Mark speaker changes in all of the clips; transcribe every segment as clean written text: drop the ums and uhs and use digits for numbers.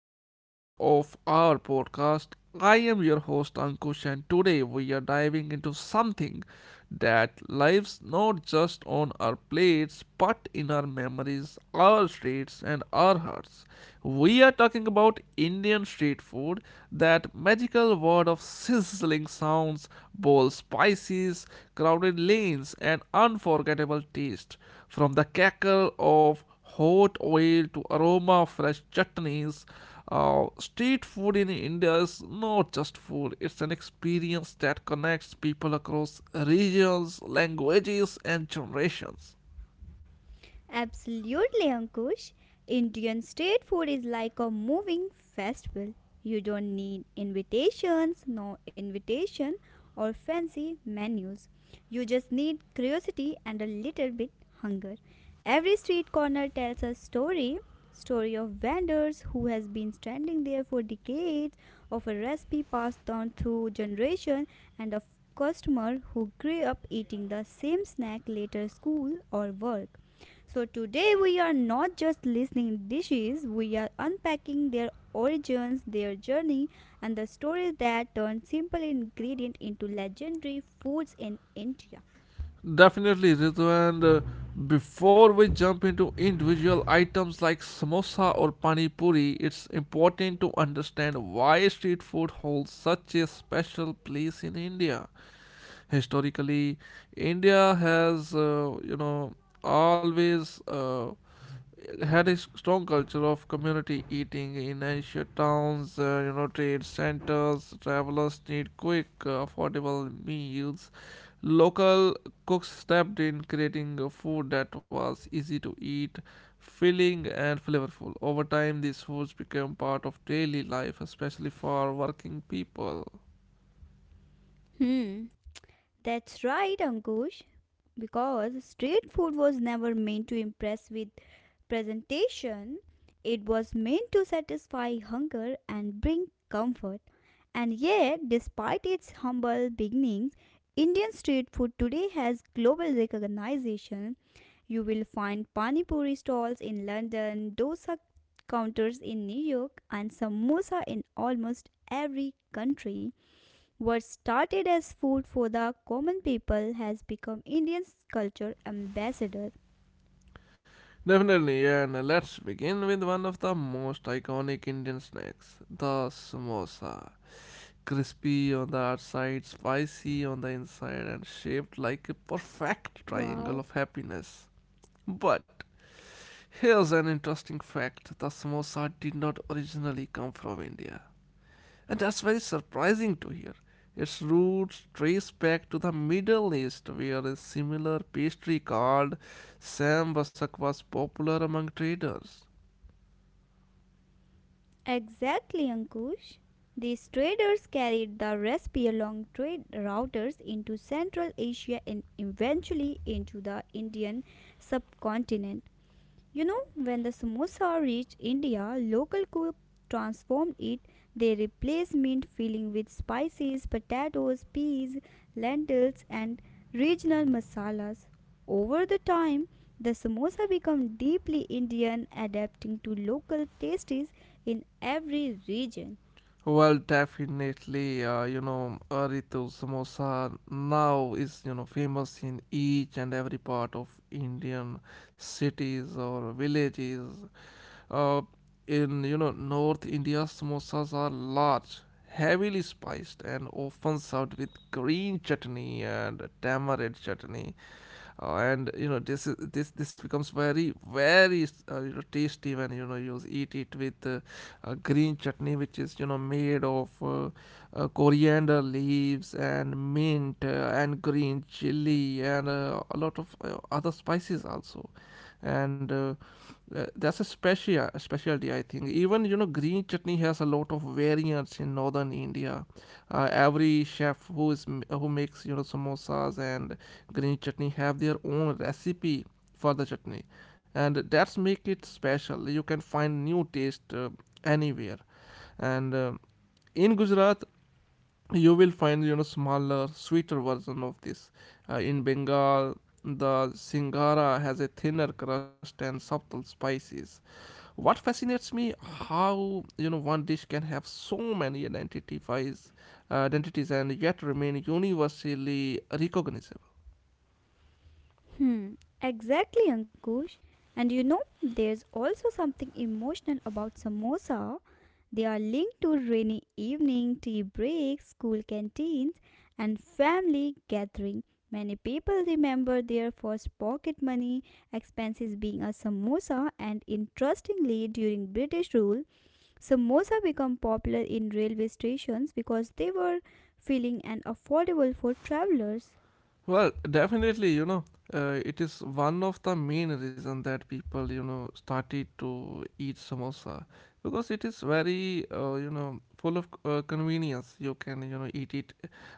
Speaker 1: episode of our podcast. I am your host, Ankush, and today we are diving into something that lives not just on our plates but in our memories, our streets, and our hearts. We are talking about Indian street food, that magical world of sizzling sounds, bold spices, crowded lanes, and unforgettable taste. From the cackle of hot oil to aroma of fresh chutneys, street food in India is not just food, it's an experience that connects people across regions, languages, and generations.
Speaker 2: Absolutely, Ankush. Indian street food is like a moving festival. You don't need invitations, no invitation, or fancy menus. You just need curiosity and a little bit hunger. Every street corner tells a story of vendors who has been standing there for decades, of a recipe passed down through generation, and of customer who grew up eating the same snack later school or work. So today we are not just listening dishes, we are unpacking their origins, their journey, and the stories that turn simple ingredient into legendary foods in India.
Speaker 1: Definitely, Ritu. And before we jump into individual items like samosa or pani puri, it's important to understand why street food holds such a special place in India historically. India has always had a strong culture of community eating in ancient towns. Trade centers, travelers need quick affordable meals. Local cooks stepped in creating a food that was easy to eat, filling and flavorful. Over time, these foods became part of daily life, especially for working people.
Speaker 2: Hmm. That's right, Ankush. Because street food was never meant to impress with presentation. It was meant to satisfy hunger and bring comfort. And yet, despite its humble beginnings, Indian street food today has global recognition. You will find pani puri stalls in London, dosa counters in New York, and samosa in almost every country. What started as food for the common people has become Indian's culture ambassador.
Speaker 1: Definitely, yeah, and let's begin with one of the most iconic Indian snacks, the samosa. Crispy on the
Speaker 2: Wow.
Speaker 1: outside, spicy on the inside, and shaped like a perfect triangle of happiness. But here's an interesting fact: the samosa did not originally come from India. And that's very surprising to hear. Its roots trace back to the Middle East, where a similar pastry called sambhasak was popular among traders.
Speaker 2: Exactly, Ankush. These traders carried the recipe along trade routers into Central Asia and eventually into the Indian subcontinent. You know, when the samosa reached India, local cook transformed it. They replaced mint filling with spices, potatoes, peas, lentils, and regional masalas. Over the time, the samosa became deeply Indian, adapting to local tastes in every region.
Speaker 1: Well, definitely, Ritu, samosa now is, you know, famous in each and every part of Indian cities or villages. Uh, in, you know, North India, samosas are large, heavily spiced, and often served with green chutney and tamarind chutney. And you know, this is this becomes very you know, tasty when you know you eat it with green chutney, which is, you know, made of coriander leaves and mint, and green chili, and a lot of other spices also. And That's a special specialty. I think even, you know, green chutney has a lot of variants in northern India. Every chef who who makes, you know, samosas and green chutney have their own recipe for the chutney, and that's make it special. You can find new taste anywhere. And In Gujarat, you will find, you know, smaller sweeter version of this. In Bengal, the singara has a thinner crust and subtle spices. What fascinates me how, you know, one dish can have so many identities and yet remain universally recognizable.
Speaker 2: Hmm, exactly, Ankush. And you know, there's also something emotional about samosa. They are linked to rainy evening, tea breaks, school canteens, and family gathering. Many people remember their first pocket money expenses being a samosa, and interestingly, during British rule, samosa became popular in railway stations because they were filling and affordable for travelers.
Speaker 1: Well, definitely, you know, it is one of the main reason that people, you know, started to eat samosa because it is very, full of convenience. You can, you know, eat it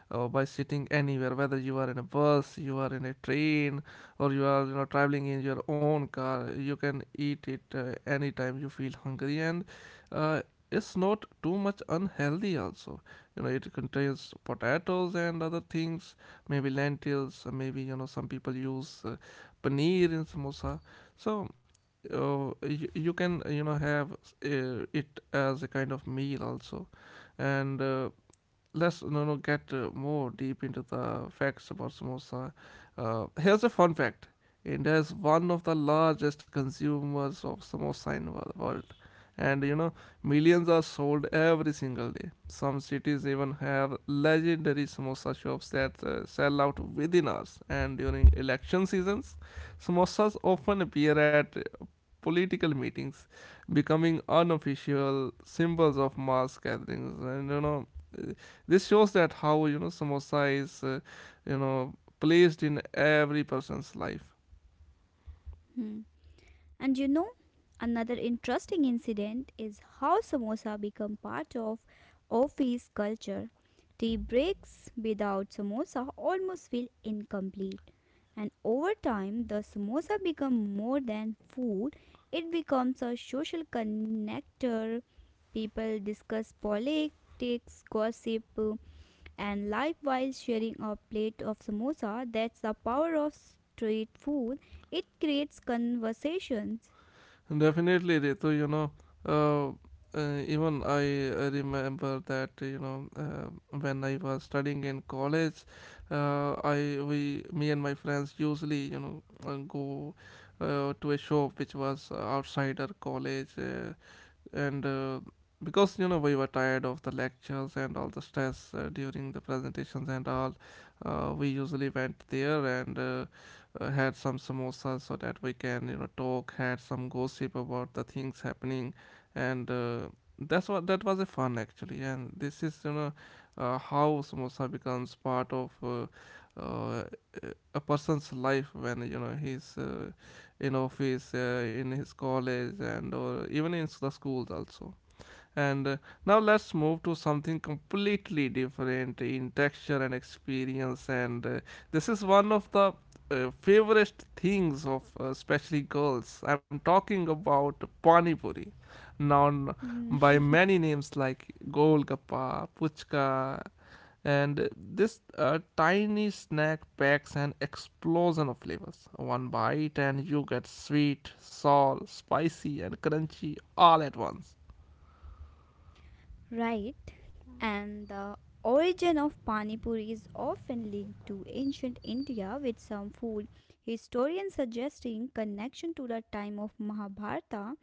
Speaker 1: by sitting anywhere, whether you are in a bus, you are in a train, or you are, you know, traveling in your own car. You can eat it anytime you feel hungry, and uh, it's not too much unhealthy. Also, you know, it contains potatoes and other things, maybe lentils, maybe, you know, some people use paneer in samosa. So you can, you know, have it as a kind of meal also. And let's, you know, get more deep into the facts about samosa. Here's a fun fact: India is one of the largest consumers of samosa in the world, and you know, millions are sold every single day. Some cities even have legendary samosa shops that sell out within hours. And during election seasons, samosas often appear at political meetings, becoming unofficial symbols of mass gatherings. And you know, uh, this shows that how, you know, samosa is, you know, placed in every person's life.
Speaker 2: Hmm. And you know, another interesting incident is how samosa become part of office culture. Tea breaks without samosa almost feel incomplete. And over time, the samosa become more than food. It becomes a social connector. People discuss politics, gossip, and life while sharing a plate of samosa. That's the power of street food. It creates conversations.
Speaker 1: And definitely, Ritu, you know. Uh, Even I remember that, you know, when I was studying in college, I we me and my friends usually, you know, go to a shop which was outside our college, and because you know we were tired of the lectures and all the stress during the presentations and all. We usually went there and had some samosas so that we can, you know, talk had some gossip about the things happening. And that's what That was a fun actually. And this is, you know, how samosa becomes part of uh, a person's life when, you know, he's in office, in his college, and or even in the schools also. And Now let's move to something completely different in texture and experience. And This is one of the favorite things of especially girls. I'm talking about pani puri, known
Speaker 2: Mm,
Speaker 1: by many names like golgappa, puchka, and this tiny snack packs an explosion of flavors. One bite and you get sweet, sour, spicy, and crunchy all at once.
Speaker 2: right. And the origin of Pani Puri is often linked to ancient India, with some food historians suggesting connection to the time of Mahabharata.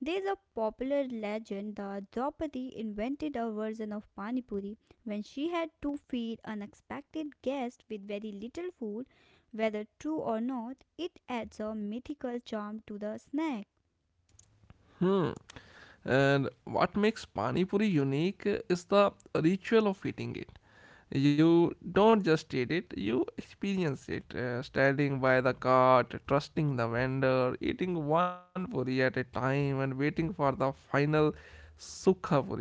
Speaker 2: There is a popular legend that Draupadi invented a version of Pani Puri when she had to feed unexpected guests with very little food. Whether true or not, it adds a mythical charm to the snack.
Speaker 1: Hmm. And what makes pani puri unique is the ritual of eating it. You don't just eat it, you experience it. Standing by the cart, trusting the vendor, eating one puri at a time, and waiting for the final sukha puri.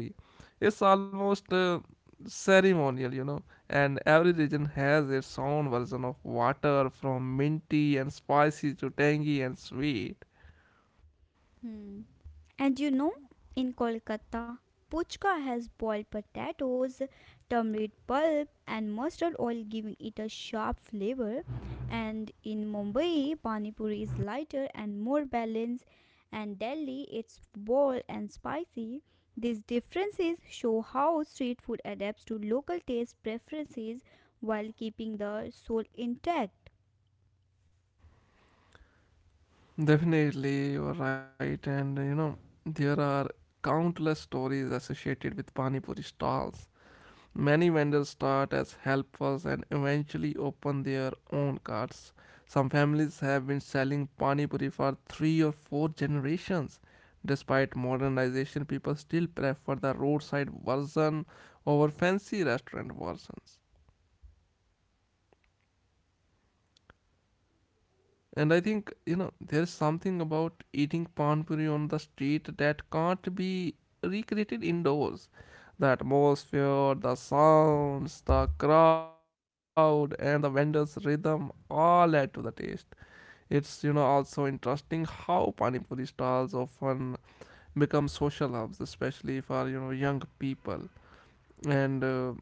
Speaker 1: It's almost ceremonial. And every region has its own version of water from minty and spicy to tangy and sweet.
Speaker 2: Hmm. And you know, in Kolkata, puchka has boiled potatoes, turmeric pulp, and mustard oil, giving it a sharp flavor. And in Mumbai, pani puri is lighter and more balanced, and Delhi, it's bold and spicy. These differences show how street food adapts to local taste preferences while keeping the soul intact.
Speaker 1: Definitely, you're right. And You know, there are countless stories associated with Pani Puri stalls. Many vendors start as helpers and eventually open their own carts. Some families have been selling pani puri for three or four generations. Despite modernization, people still prefer the roadside version over fancy restaurant versions. And I think, there is something about eating pan on the street that can't be recreated indoors. The atmosphere, the sounds, the crowd, and the vendor's rhythm all add to the taste. It's, also interesting how panipuri stalls often become social hubs, especially for, young people. And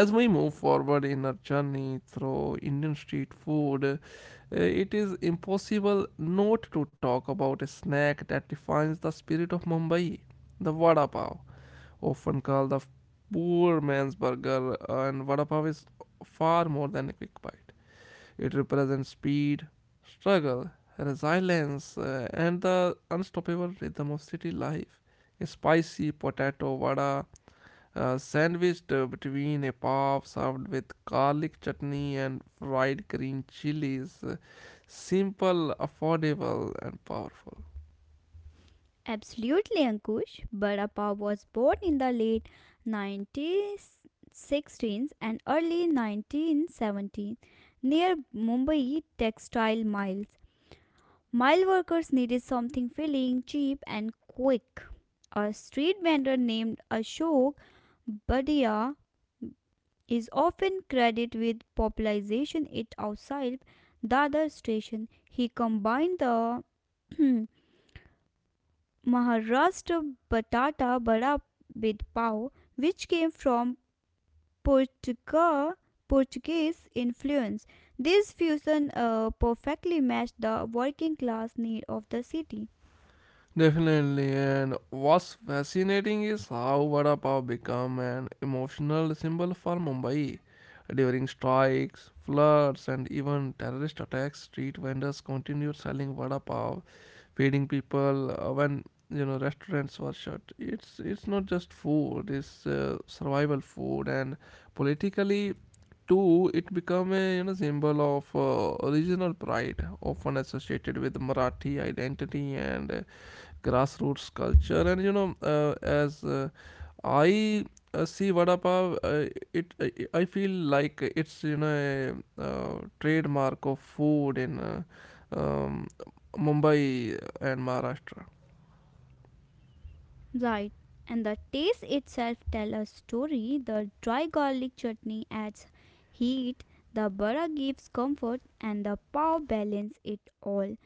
Speaker 1: As we move forward in our journey through Indian street food, it is impossible not to talk about a snack that defines the spirit of Mumbai: the vada pav, often called the poor man's burger. And vada pav is far more than a quick bite, it represents speed, struggle, resilience, and the unstoppable rhythm of city life. A spicy potato vada sandwiched between a puff served with garlic chutney and fried green chilies. Simple, affordable, and powerful.
Speaker 2: Absolutely, Ankush. Bada was born in the late 1916s and early 1917 near Mumbai textile mills. Mile workers needed something filling, cheap, and quick. A street vendor named Ashok Badia is often credited with popularization it outside Dadar station. He combined the Maharashtra batata bada with pav, which came from Portugal, Portuguese influence. This fusion perfectly matched the working class need of the city.
Speaker 1: Definitely, and what's fascinating is how vada pav become an emotional symbol for Mumbai. During strikes, floods, and even terrorist attacks, street vendors continued selling vada pav, feeding people when you know restaurants were shut. It's not just food, it's survival food. And politically too, it become a, you know, symbol of regional pride, often associated with Marathi identity and grassroots culture. And you know, as I see vada pav, it I feel like it's, you know, a trademark of food in um, Mumbai and Maharashtra.
Speaker 2: Right. And the taste itself tells a story. The dry garlic chutney adds heat, the bara gives comfort, and the pav balance it all.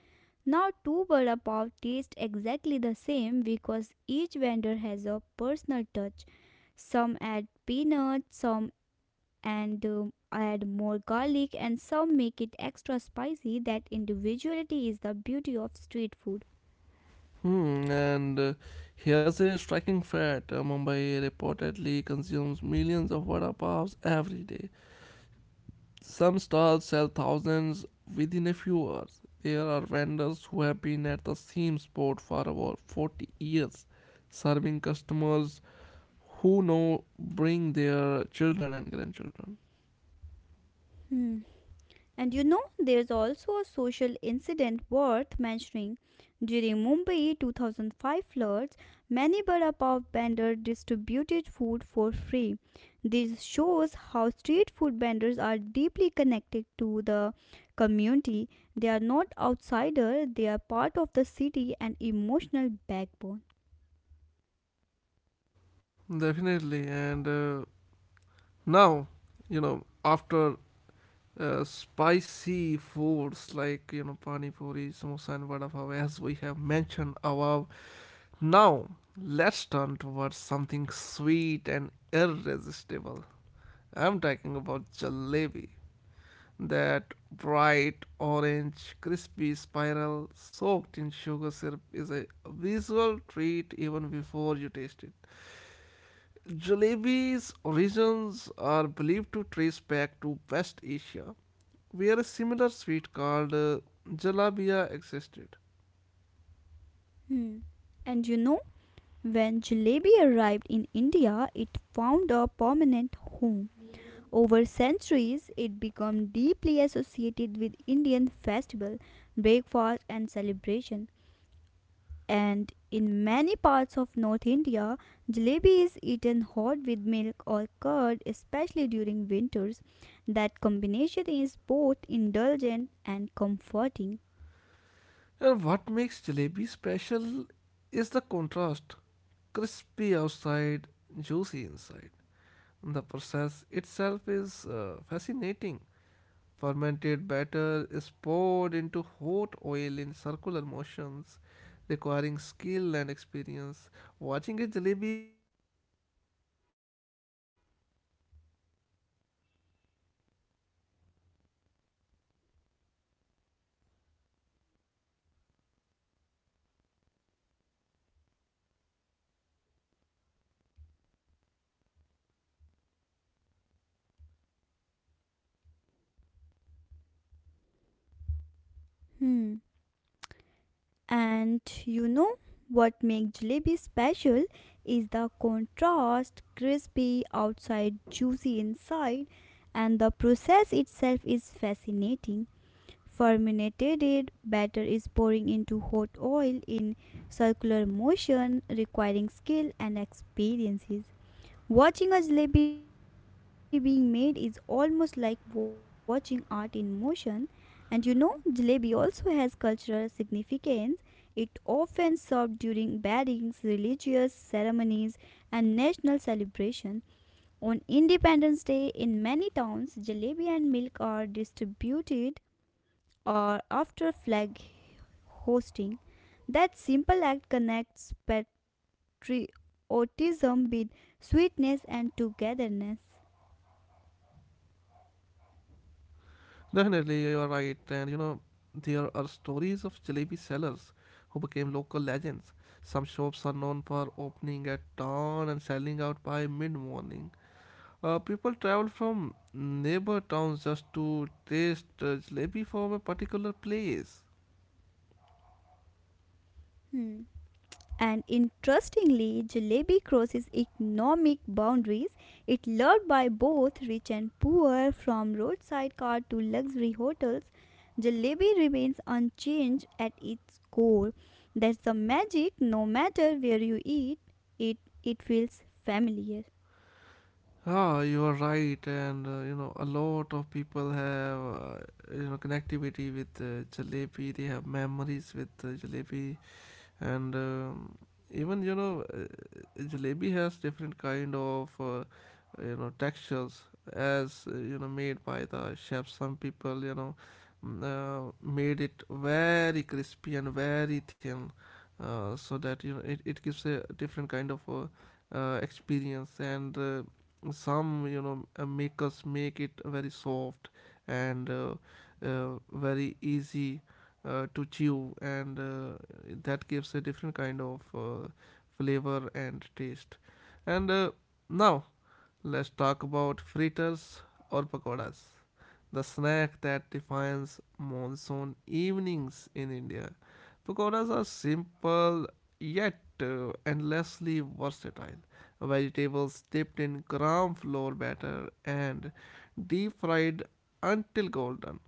Speaker 2: Now, two vada pav taste exactly the same because each vendor has a personal touch. Some add peanuts, some and add more garlic, and some make it extra spicy. That individuality is the beauty of street food.
Speaker 1: Hmm, and here's a striking fact: Mumbai reportedly consumes millions of vada pavs every day. Some stalls sell thousands within a few hours. There are vendors who have been at the same spot for over 40 years, serving customers who know bring their children and grandchildren.
Speaker 2: Hmm. And you know, there's also a social incident worth mentioning. During Mumbai 2005 floods, many bada pav vendors distributed food for free. This shows how street food vendors are deeply connected to the community. They are not outsiders; they are part of the city and emotional backbone.
Speaker 1: Definitely, and now, you know, after spicy foods like, you know, pani puri, samosa, and vada pav, as we have mentioned above, now let's turn towards something sweet and irresistible. I'm talking about jalebi. That bright orange, crispy spiral soaked in sugar syrup is a visual treat even before you taste it. Jalebi's origins are believed to trace back to West Asia, where a similar sweet called jalabia existed.
Speaker 2: Hmm. And you know, when jalebi arrived in India, it found a permanent home. Over centuries, it became deeply associated with Indian festival, breakfast, and celebration. And in many parts of North India, jalebi is eaten hot with milk or curd, especially during winters. That combination is both indulgent and comforting.
Speaker 1: And what makes jalebi special is the contrast: crispy outside, juicy inside. The process itself is fascinating. Fermented batter is poured into hot oil in circular motions, requiring skill and experience. Watching a jalebi being made is almost like watching art in motion.
Speaker 2: Hmm. And you know what makes jalebi special is the contrast crispy outside, juicy inside, and the process itself is fascinating. Fermented batter is pouring into hot oil in circular motion, requiring skill and experiences. Watching a jalebi being made is almost like watching art in motion. And you know, jalebi also has cultural significance. It often served during weddings, religious ceremonies, and national celebration. On Independence Day, in many towns, jalebi and milk are distributed or after flag hosting. That simple act connects patriotism with sweetness and togetherness.
Speaker 1: Definitely, you are right. And you know, there are stories of jalebi sellers who became local legends. Some shops are known for opening at dawn and selling out by mid morning. People travel from neighbor towns just to taste jalebi from a particular place.
Speaker 2: Hmm. And interestingly, jalebi crosses economic boundaries. It's loved by both rich and poor, from roadside cart to luxury hotels. Jalebi remains unchanged at its core. That's the magic. No matter where you eat it, it feels familiar.
Speaker 1: Ah, you are right, and you know a lot of people have you know connectivity with jalebi. They have memories with jalebi. And Even jalebi has different kind of textures as made by the chef. Some people made it very crispy and very thin, so that you know it gives a different kind of experience. And some makers make it very soft and very easy to chew, and that gives a different kind of flavor and taste. And Now let's talk about fritters or pakoras, the snack that defines monsoon evenings in India. Pakoras are simple yet endlessly versatile. Vegetables dipped in gram flour batter and deep fried until golden.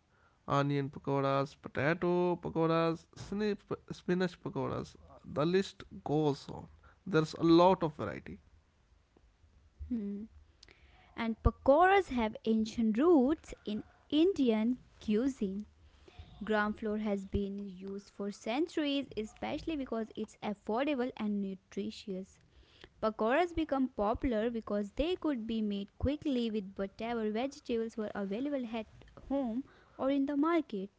Speaker 1: Onion pakoras, potato pakoras, spinach pakoras. The list goes on. There's a lot of variety.
Speaker 2: Hmm. And pakoras have ancient roots in Indian cuisine. Ground floor has been used for centuries, especially because it's affordable and nutritious. Pakoras become popular because they could be made quickly with whatever vegetables were available at home or in the market.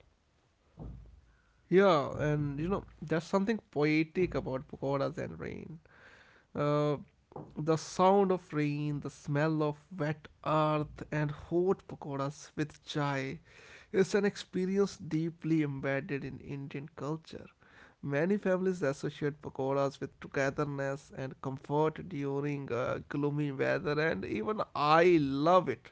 Speaker 1: Yeah, and you know, there's something poetic about pakoras and rain. Uh, the sound of rain, the smell of wet earth, and hot pakoras with chai is an experience deeply embedded in Indian culture. Many families associate pakoras with togetherness and comfort during gloomy weather, and even I love it.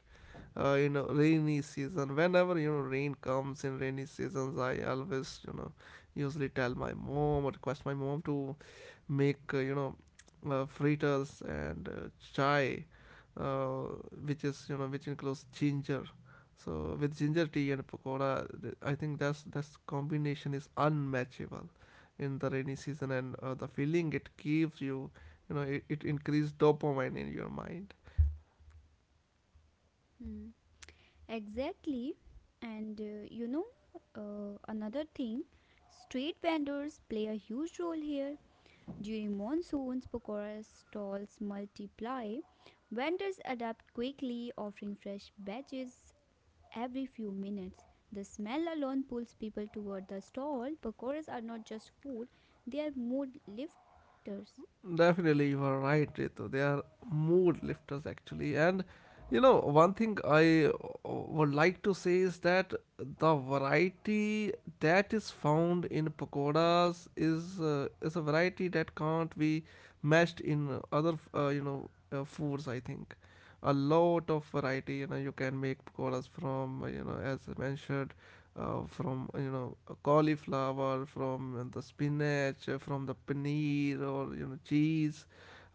Speaker 1: You know, rainy season. Whenever you know rain comes in rainy seasons, I always you know usually tell my mom or request my mom to make fritters and chai, uh, which is you know which includes ginger. So with ginger tea and pakoda, I think that's combination is unmatchable in the rainy season, and the feeling it gives you, you know, it increases dopamine in your mind.
Speaker 2: Hmm. Exactly. And another thing, street vendors play a huge role here. During monsoons, pakora stalls multiply. Vendors adapt quickly, offering fresh batches, every few minutes. The smell alone pulls people toward the stall. Pakoras are not just food, they are mood lifters.
Speaker 1: Definitely, you are right, Ritu. They are mood lifters actually. And you know, one thing I would like to say is that the variety that is found in pakoras is a variety that can't be matched in other foods. I think a lot of variety. You know, you can make pakoras from as I mentioned, from you know cauliflower, from the spinach, from the paneer or you know cheese.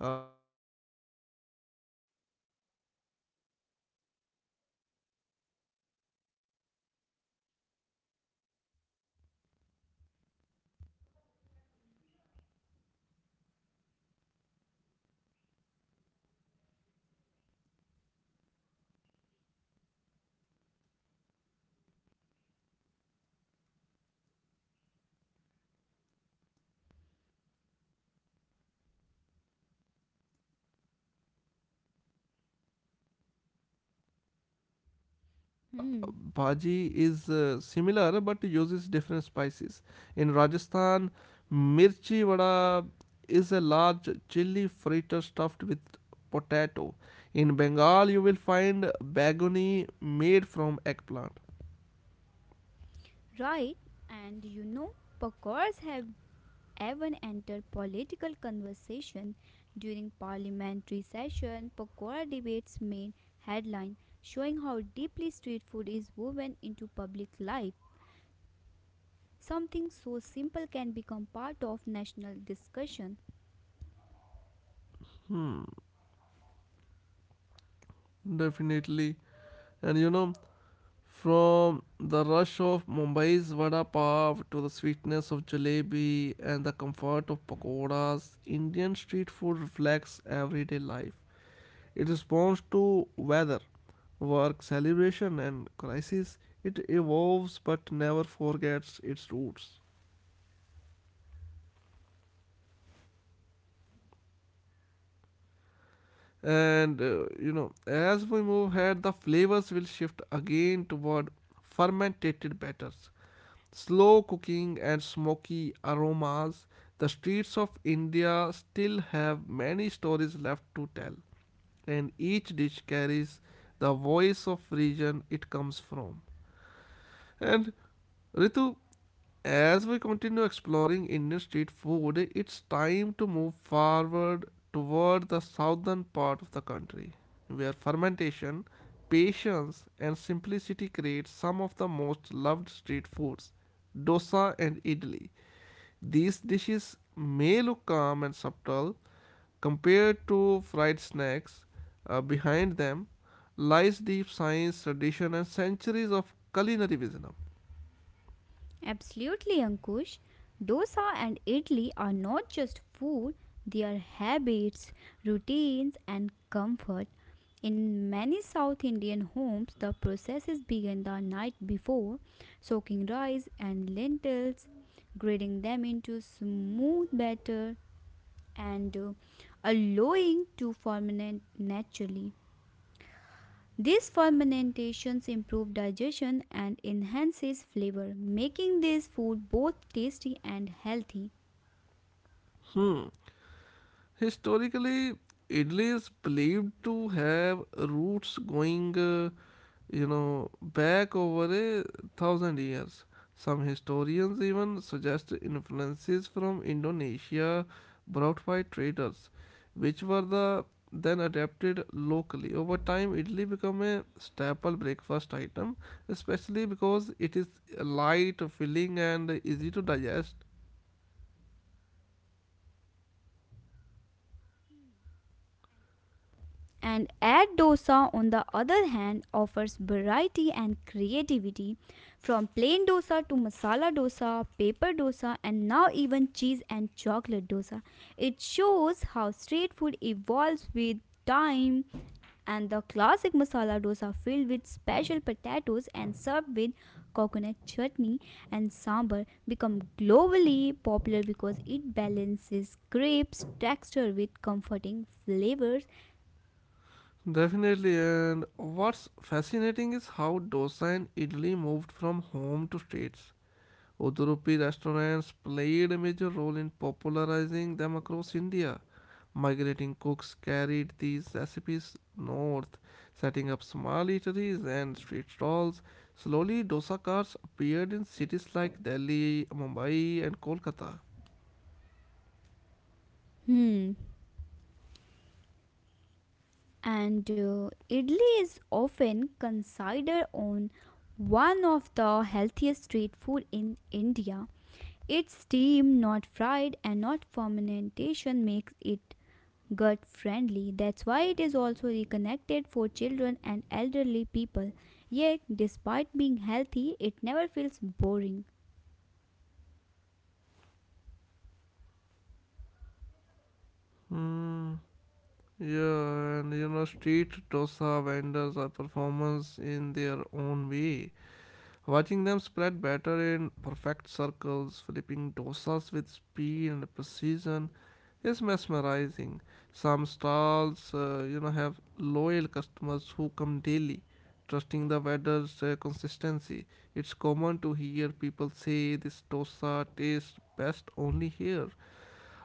Speaker 1: You can make pakoras from you know uh, the bottle gourd. So you know people usually try new recipes in this food, and most of the times they you know they become successful somehow. Because you know a lot of things depend on the you know batter which is prepared by the maker. And now, you know, Let's, uh, discuss about some stories about fritters. You know, different regions have their own versions. In South India,
Speaker 2: Hmm,
Speaker 1: bhaji is similar but uses different spices. In Rajasthan, mirchi vada is a large chili fritter stuffed with potato. In Bengal, you will find bagoni made from eggplant.
Speaker 2: right. And you know, pakoras have even entered political conversation during parliamentary session. Pakora debates made headline, showing how deeply street food is woven into public life. Something so simple can become part of national discussion.
Speaker 1: Definitely. And you know, from the rush of Mumbai's vada pav to the sweetness of jalebi and the comfort of pakoras, Indian street food reflects everyday life. It responds to weather, work, celebration, and crisis. It evolves but never forgets its roots. And You know, as we move ahead, the flavors will shift again toward fermented batters, slow cooking and smoky aromas. The streets of India still have many stories left to tell, and each dish carries the voice of region it comes from. And Ritu, as we continue exploring Indian street food, it's time to move forward toward the southern part of the country, where fermentation, patience, and simplicity create some of the most loved street foods: dosa and idli. These dishes may look calm and subtle compared to fried snacks. Behind them lies deep science, tradition, and centuries of culinary wisdom.
Speaker 2: Absolutely, Ankush. Dosa and idli are not just food, they are habits, routines, and comfort. In many South Indian homes, the processes begin the night before, soaking rice and lentils, grating them into smooth batter, and allowing to ferment naturally. These fermentations improve digestion and enhances flavor, making this food both tasty and healthy.
Speaker 1: Hmm. Historically, idli is believed to have roots going, back over a 1,000 years. Some historians even suggest influences from Indonesia brought by traders, which were the then adapted locally. Over time, idli became a staple breakfast item, especially because it is light, filling, and easy to digest.
Speaker 2: And add dosa on the other hand offers variety and creativity, from plain dosa to masala dosa, pepper dosa, and now even cheese and chocolate dosa. It shows how street food evolves with time. And the classic masala dosa, filled with special potatoes and served with coconut chutney and sambar, become globally popular because it balances crepes texture with comforting flavors.
Speaker 1: Definitely, and what's fascinating is how dosa and idli moved from home to states. Udupi restaurants played a major role in popularizing them across India. Migrating cooks carried these recipes north, setting up small eateries and street stalls. Slowly, dosa carts appeared in cities like Delhi, Mumbai, and Kolkata.
Speaker 2: Hmm. And idli is often considered on one of the healthiest street food in India. Its steam, not fried, and not fermentation makes it gut friendly. That's why it is also reconnected for children and elderly people. Yet, despite being healthy, it never feels boring.
Speaker 1: Hmm. Yeah, and you know, street dosa vendors are performers in their own way. Watching them spread batter in perfect circles, flipping dosas with speed and precision is mesmerizing. Some stalls, you know, have loyal customers who come daily, trusting the vendor's consistency. It's common to hear people say this dosa tastes best only here.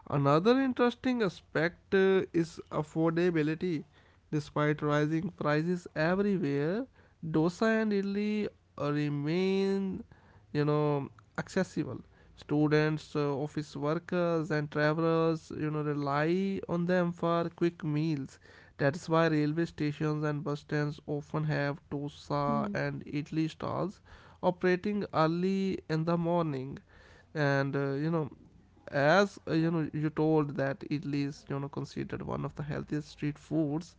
Speaker 1: Another interesting aspect is affordability. Despite rising prices everywhere, dosa and idli remain, you know, accessible. Students, office workers, and travelers, you know, rely on them for quick meals. That's why railway stations and bus stands often
Speaker 2: Hmm.
Speaker 1: have dosa and idli stalls operating early in the morning. And You know, as you know you told that Italy is you know considered one of the healthiest street foods,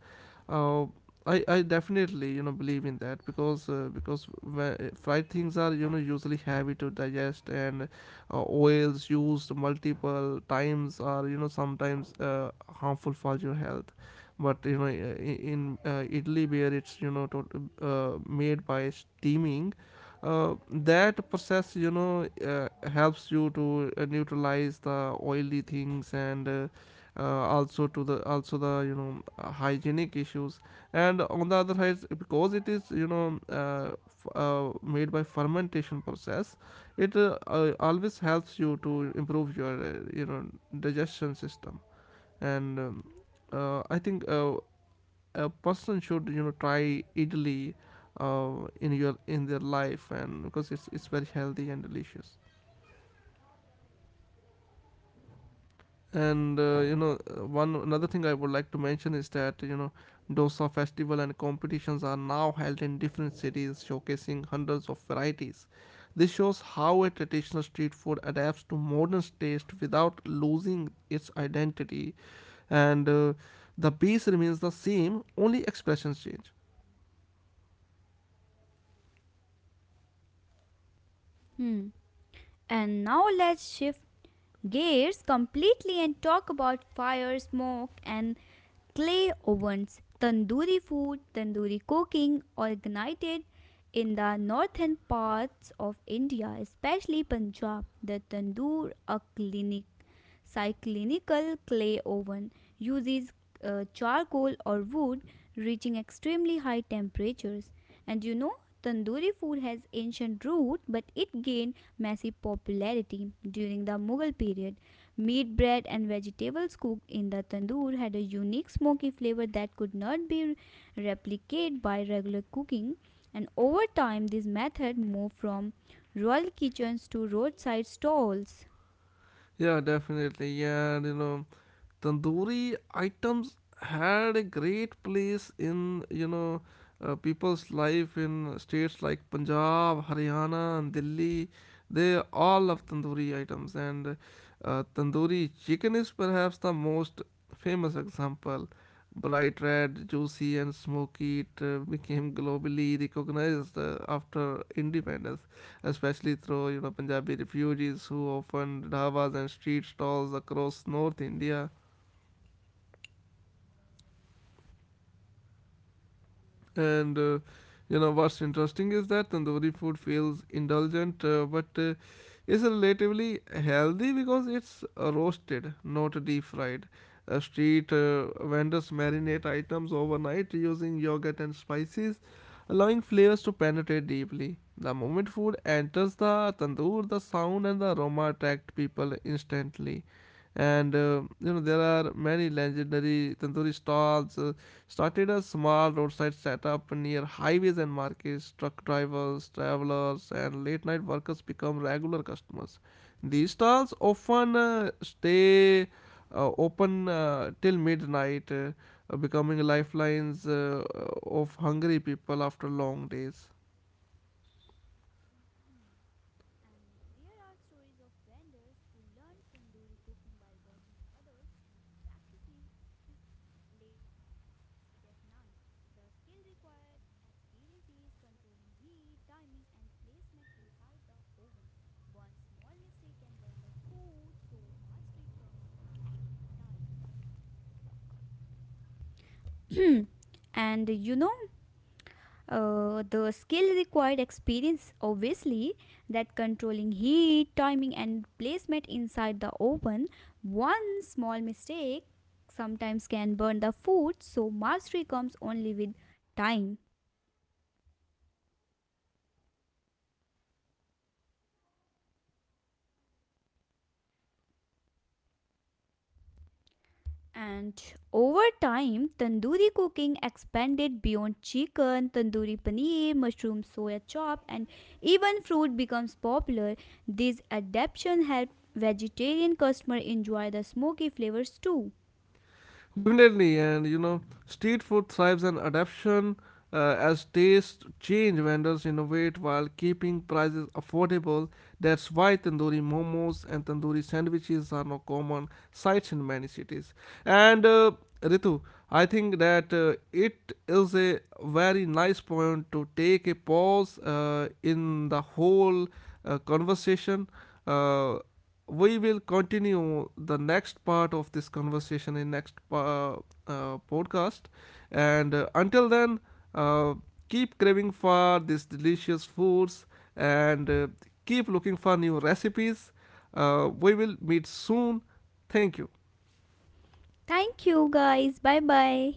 Speaker 1: uh, I definitely you know believe in that, because fried things are you know usually heavy to digest, and oils used multiple times are you know sometimes harmful for your health. But you know in Italy where it's you know made by steaming, uh, that process you know helps you to neutralize the oily things, and uh, also the you know hygienic issues. And on the other hand, because it is you know made by fermentation process, it always helps you to improve your digestion system. And I think a person should you know try idli in your in their life, and because it's very healthy and delicious. And you know One another thing I would like to mention is that you know dosa festival and competitions are now held in different cities showcasing hundreds of varieties. This shows how a traditional street food adapts to modern taste without losing its identity, and the base remains the same, only expressions change.
Speaker 2: Hmm. And now let's shift gears completely and talk about fire, smoke, and clay ovens. Tandoori food, tandoori cooking, originated in the northern parts of India, especially Punjab. The tandoor, a clinic Cyclinical clay oven uses charcoal or wood, reaching extremely high temperatures. And you know, tandoori food has ancient root but it gained massive popularity during the Mughal period. Meat, bread and vegetables cooked in the tandoor had a unique smoky flavor that could not be replicated by regular cooking. And over time, this method moved from royal kitchens to roadside stalls.
Speaker 1: Yeah, definitely, yeah. And, you know, tandoori items had a great place in you know people's life in states like Punjab, Haryana and Delhi. They all love tandoori items. And tandoori chicken is perhaps the most famous example. Bright red, juicy and smoky, it became globally recognized after independence, especially through you know Punjabi refugees who opened dhabas and street stalls across north India. And You know, what's interesting is that tandoori food feels indulgent, but is relatively healthy because it's roasted, not deep fried. Street vendors marinate items overnight using yogurt and spices, allowing flavors to penetrate deeply. The moment food enters the tandoor, the sound and the aroma attract people instantly. And you know there are many legendary tandoori stalls, started as small roadside setup near highways and markets. Truck drivers, travelers, and late night workers become regular customers. These stalls often stay open till midnight, becoming lifelines of hungry people after long days.
Speaker 2: Hmm. And there are stories of vendors who learned tandoori cooking by watching others and practices late at night. The skill required experience is controlling heat, timing, and placement inside the oven. One small mistake can burn the food, so mastery comes only with time. Hmm. And you know, the skill required experience, obviously, that controlling heat, timing, and placement inside the oven. One small mistake sometimes can burn the food, so mastery comes only with time. And over time, tandoori cooking expanded beyond chicken, tandoori paneer, mushroom soya chop, and even fruit becomes popular. These adaptations help vegetarian customers enjoy the smoky flavors too.
Speaker 1: Definitely, and you know, street food thrives on adaptation as tastes change. Vendors innovate while keeping prices affordable. That's why tandoori momos and tandoori sandwiches are now common sights in many cities. And Ritu, I think that it is a very nice point to take a pause in the whole conversation. Uh, we will continue the next part of this conversation in next podcast, and until then, uh, keep craving for these delicious foods, and keep looking for new recipes. We will meet soon. Thank you.
Speaker 2: Thank you guys. Bye bye.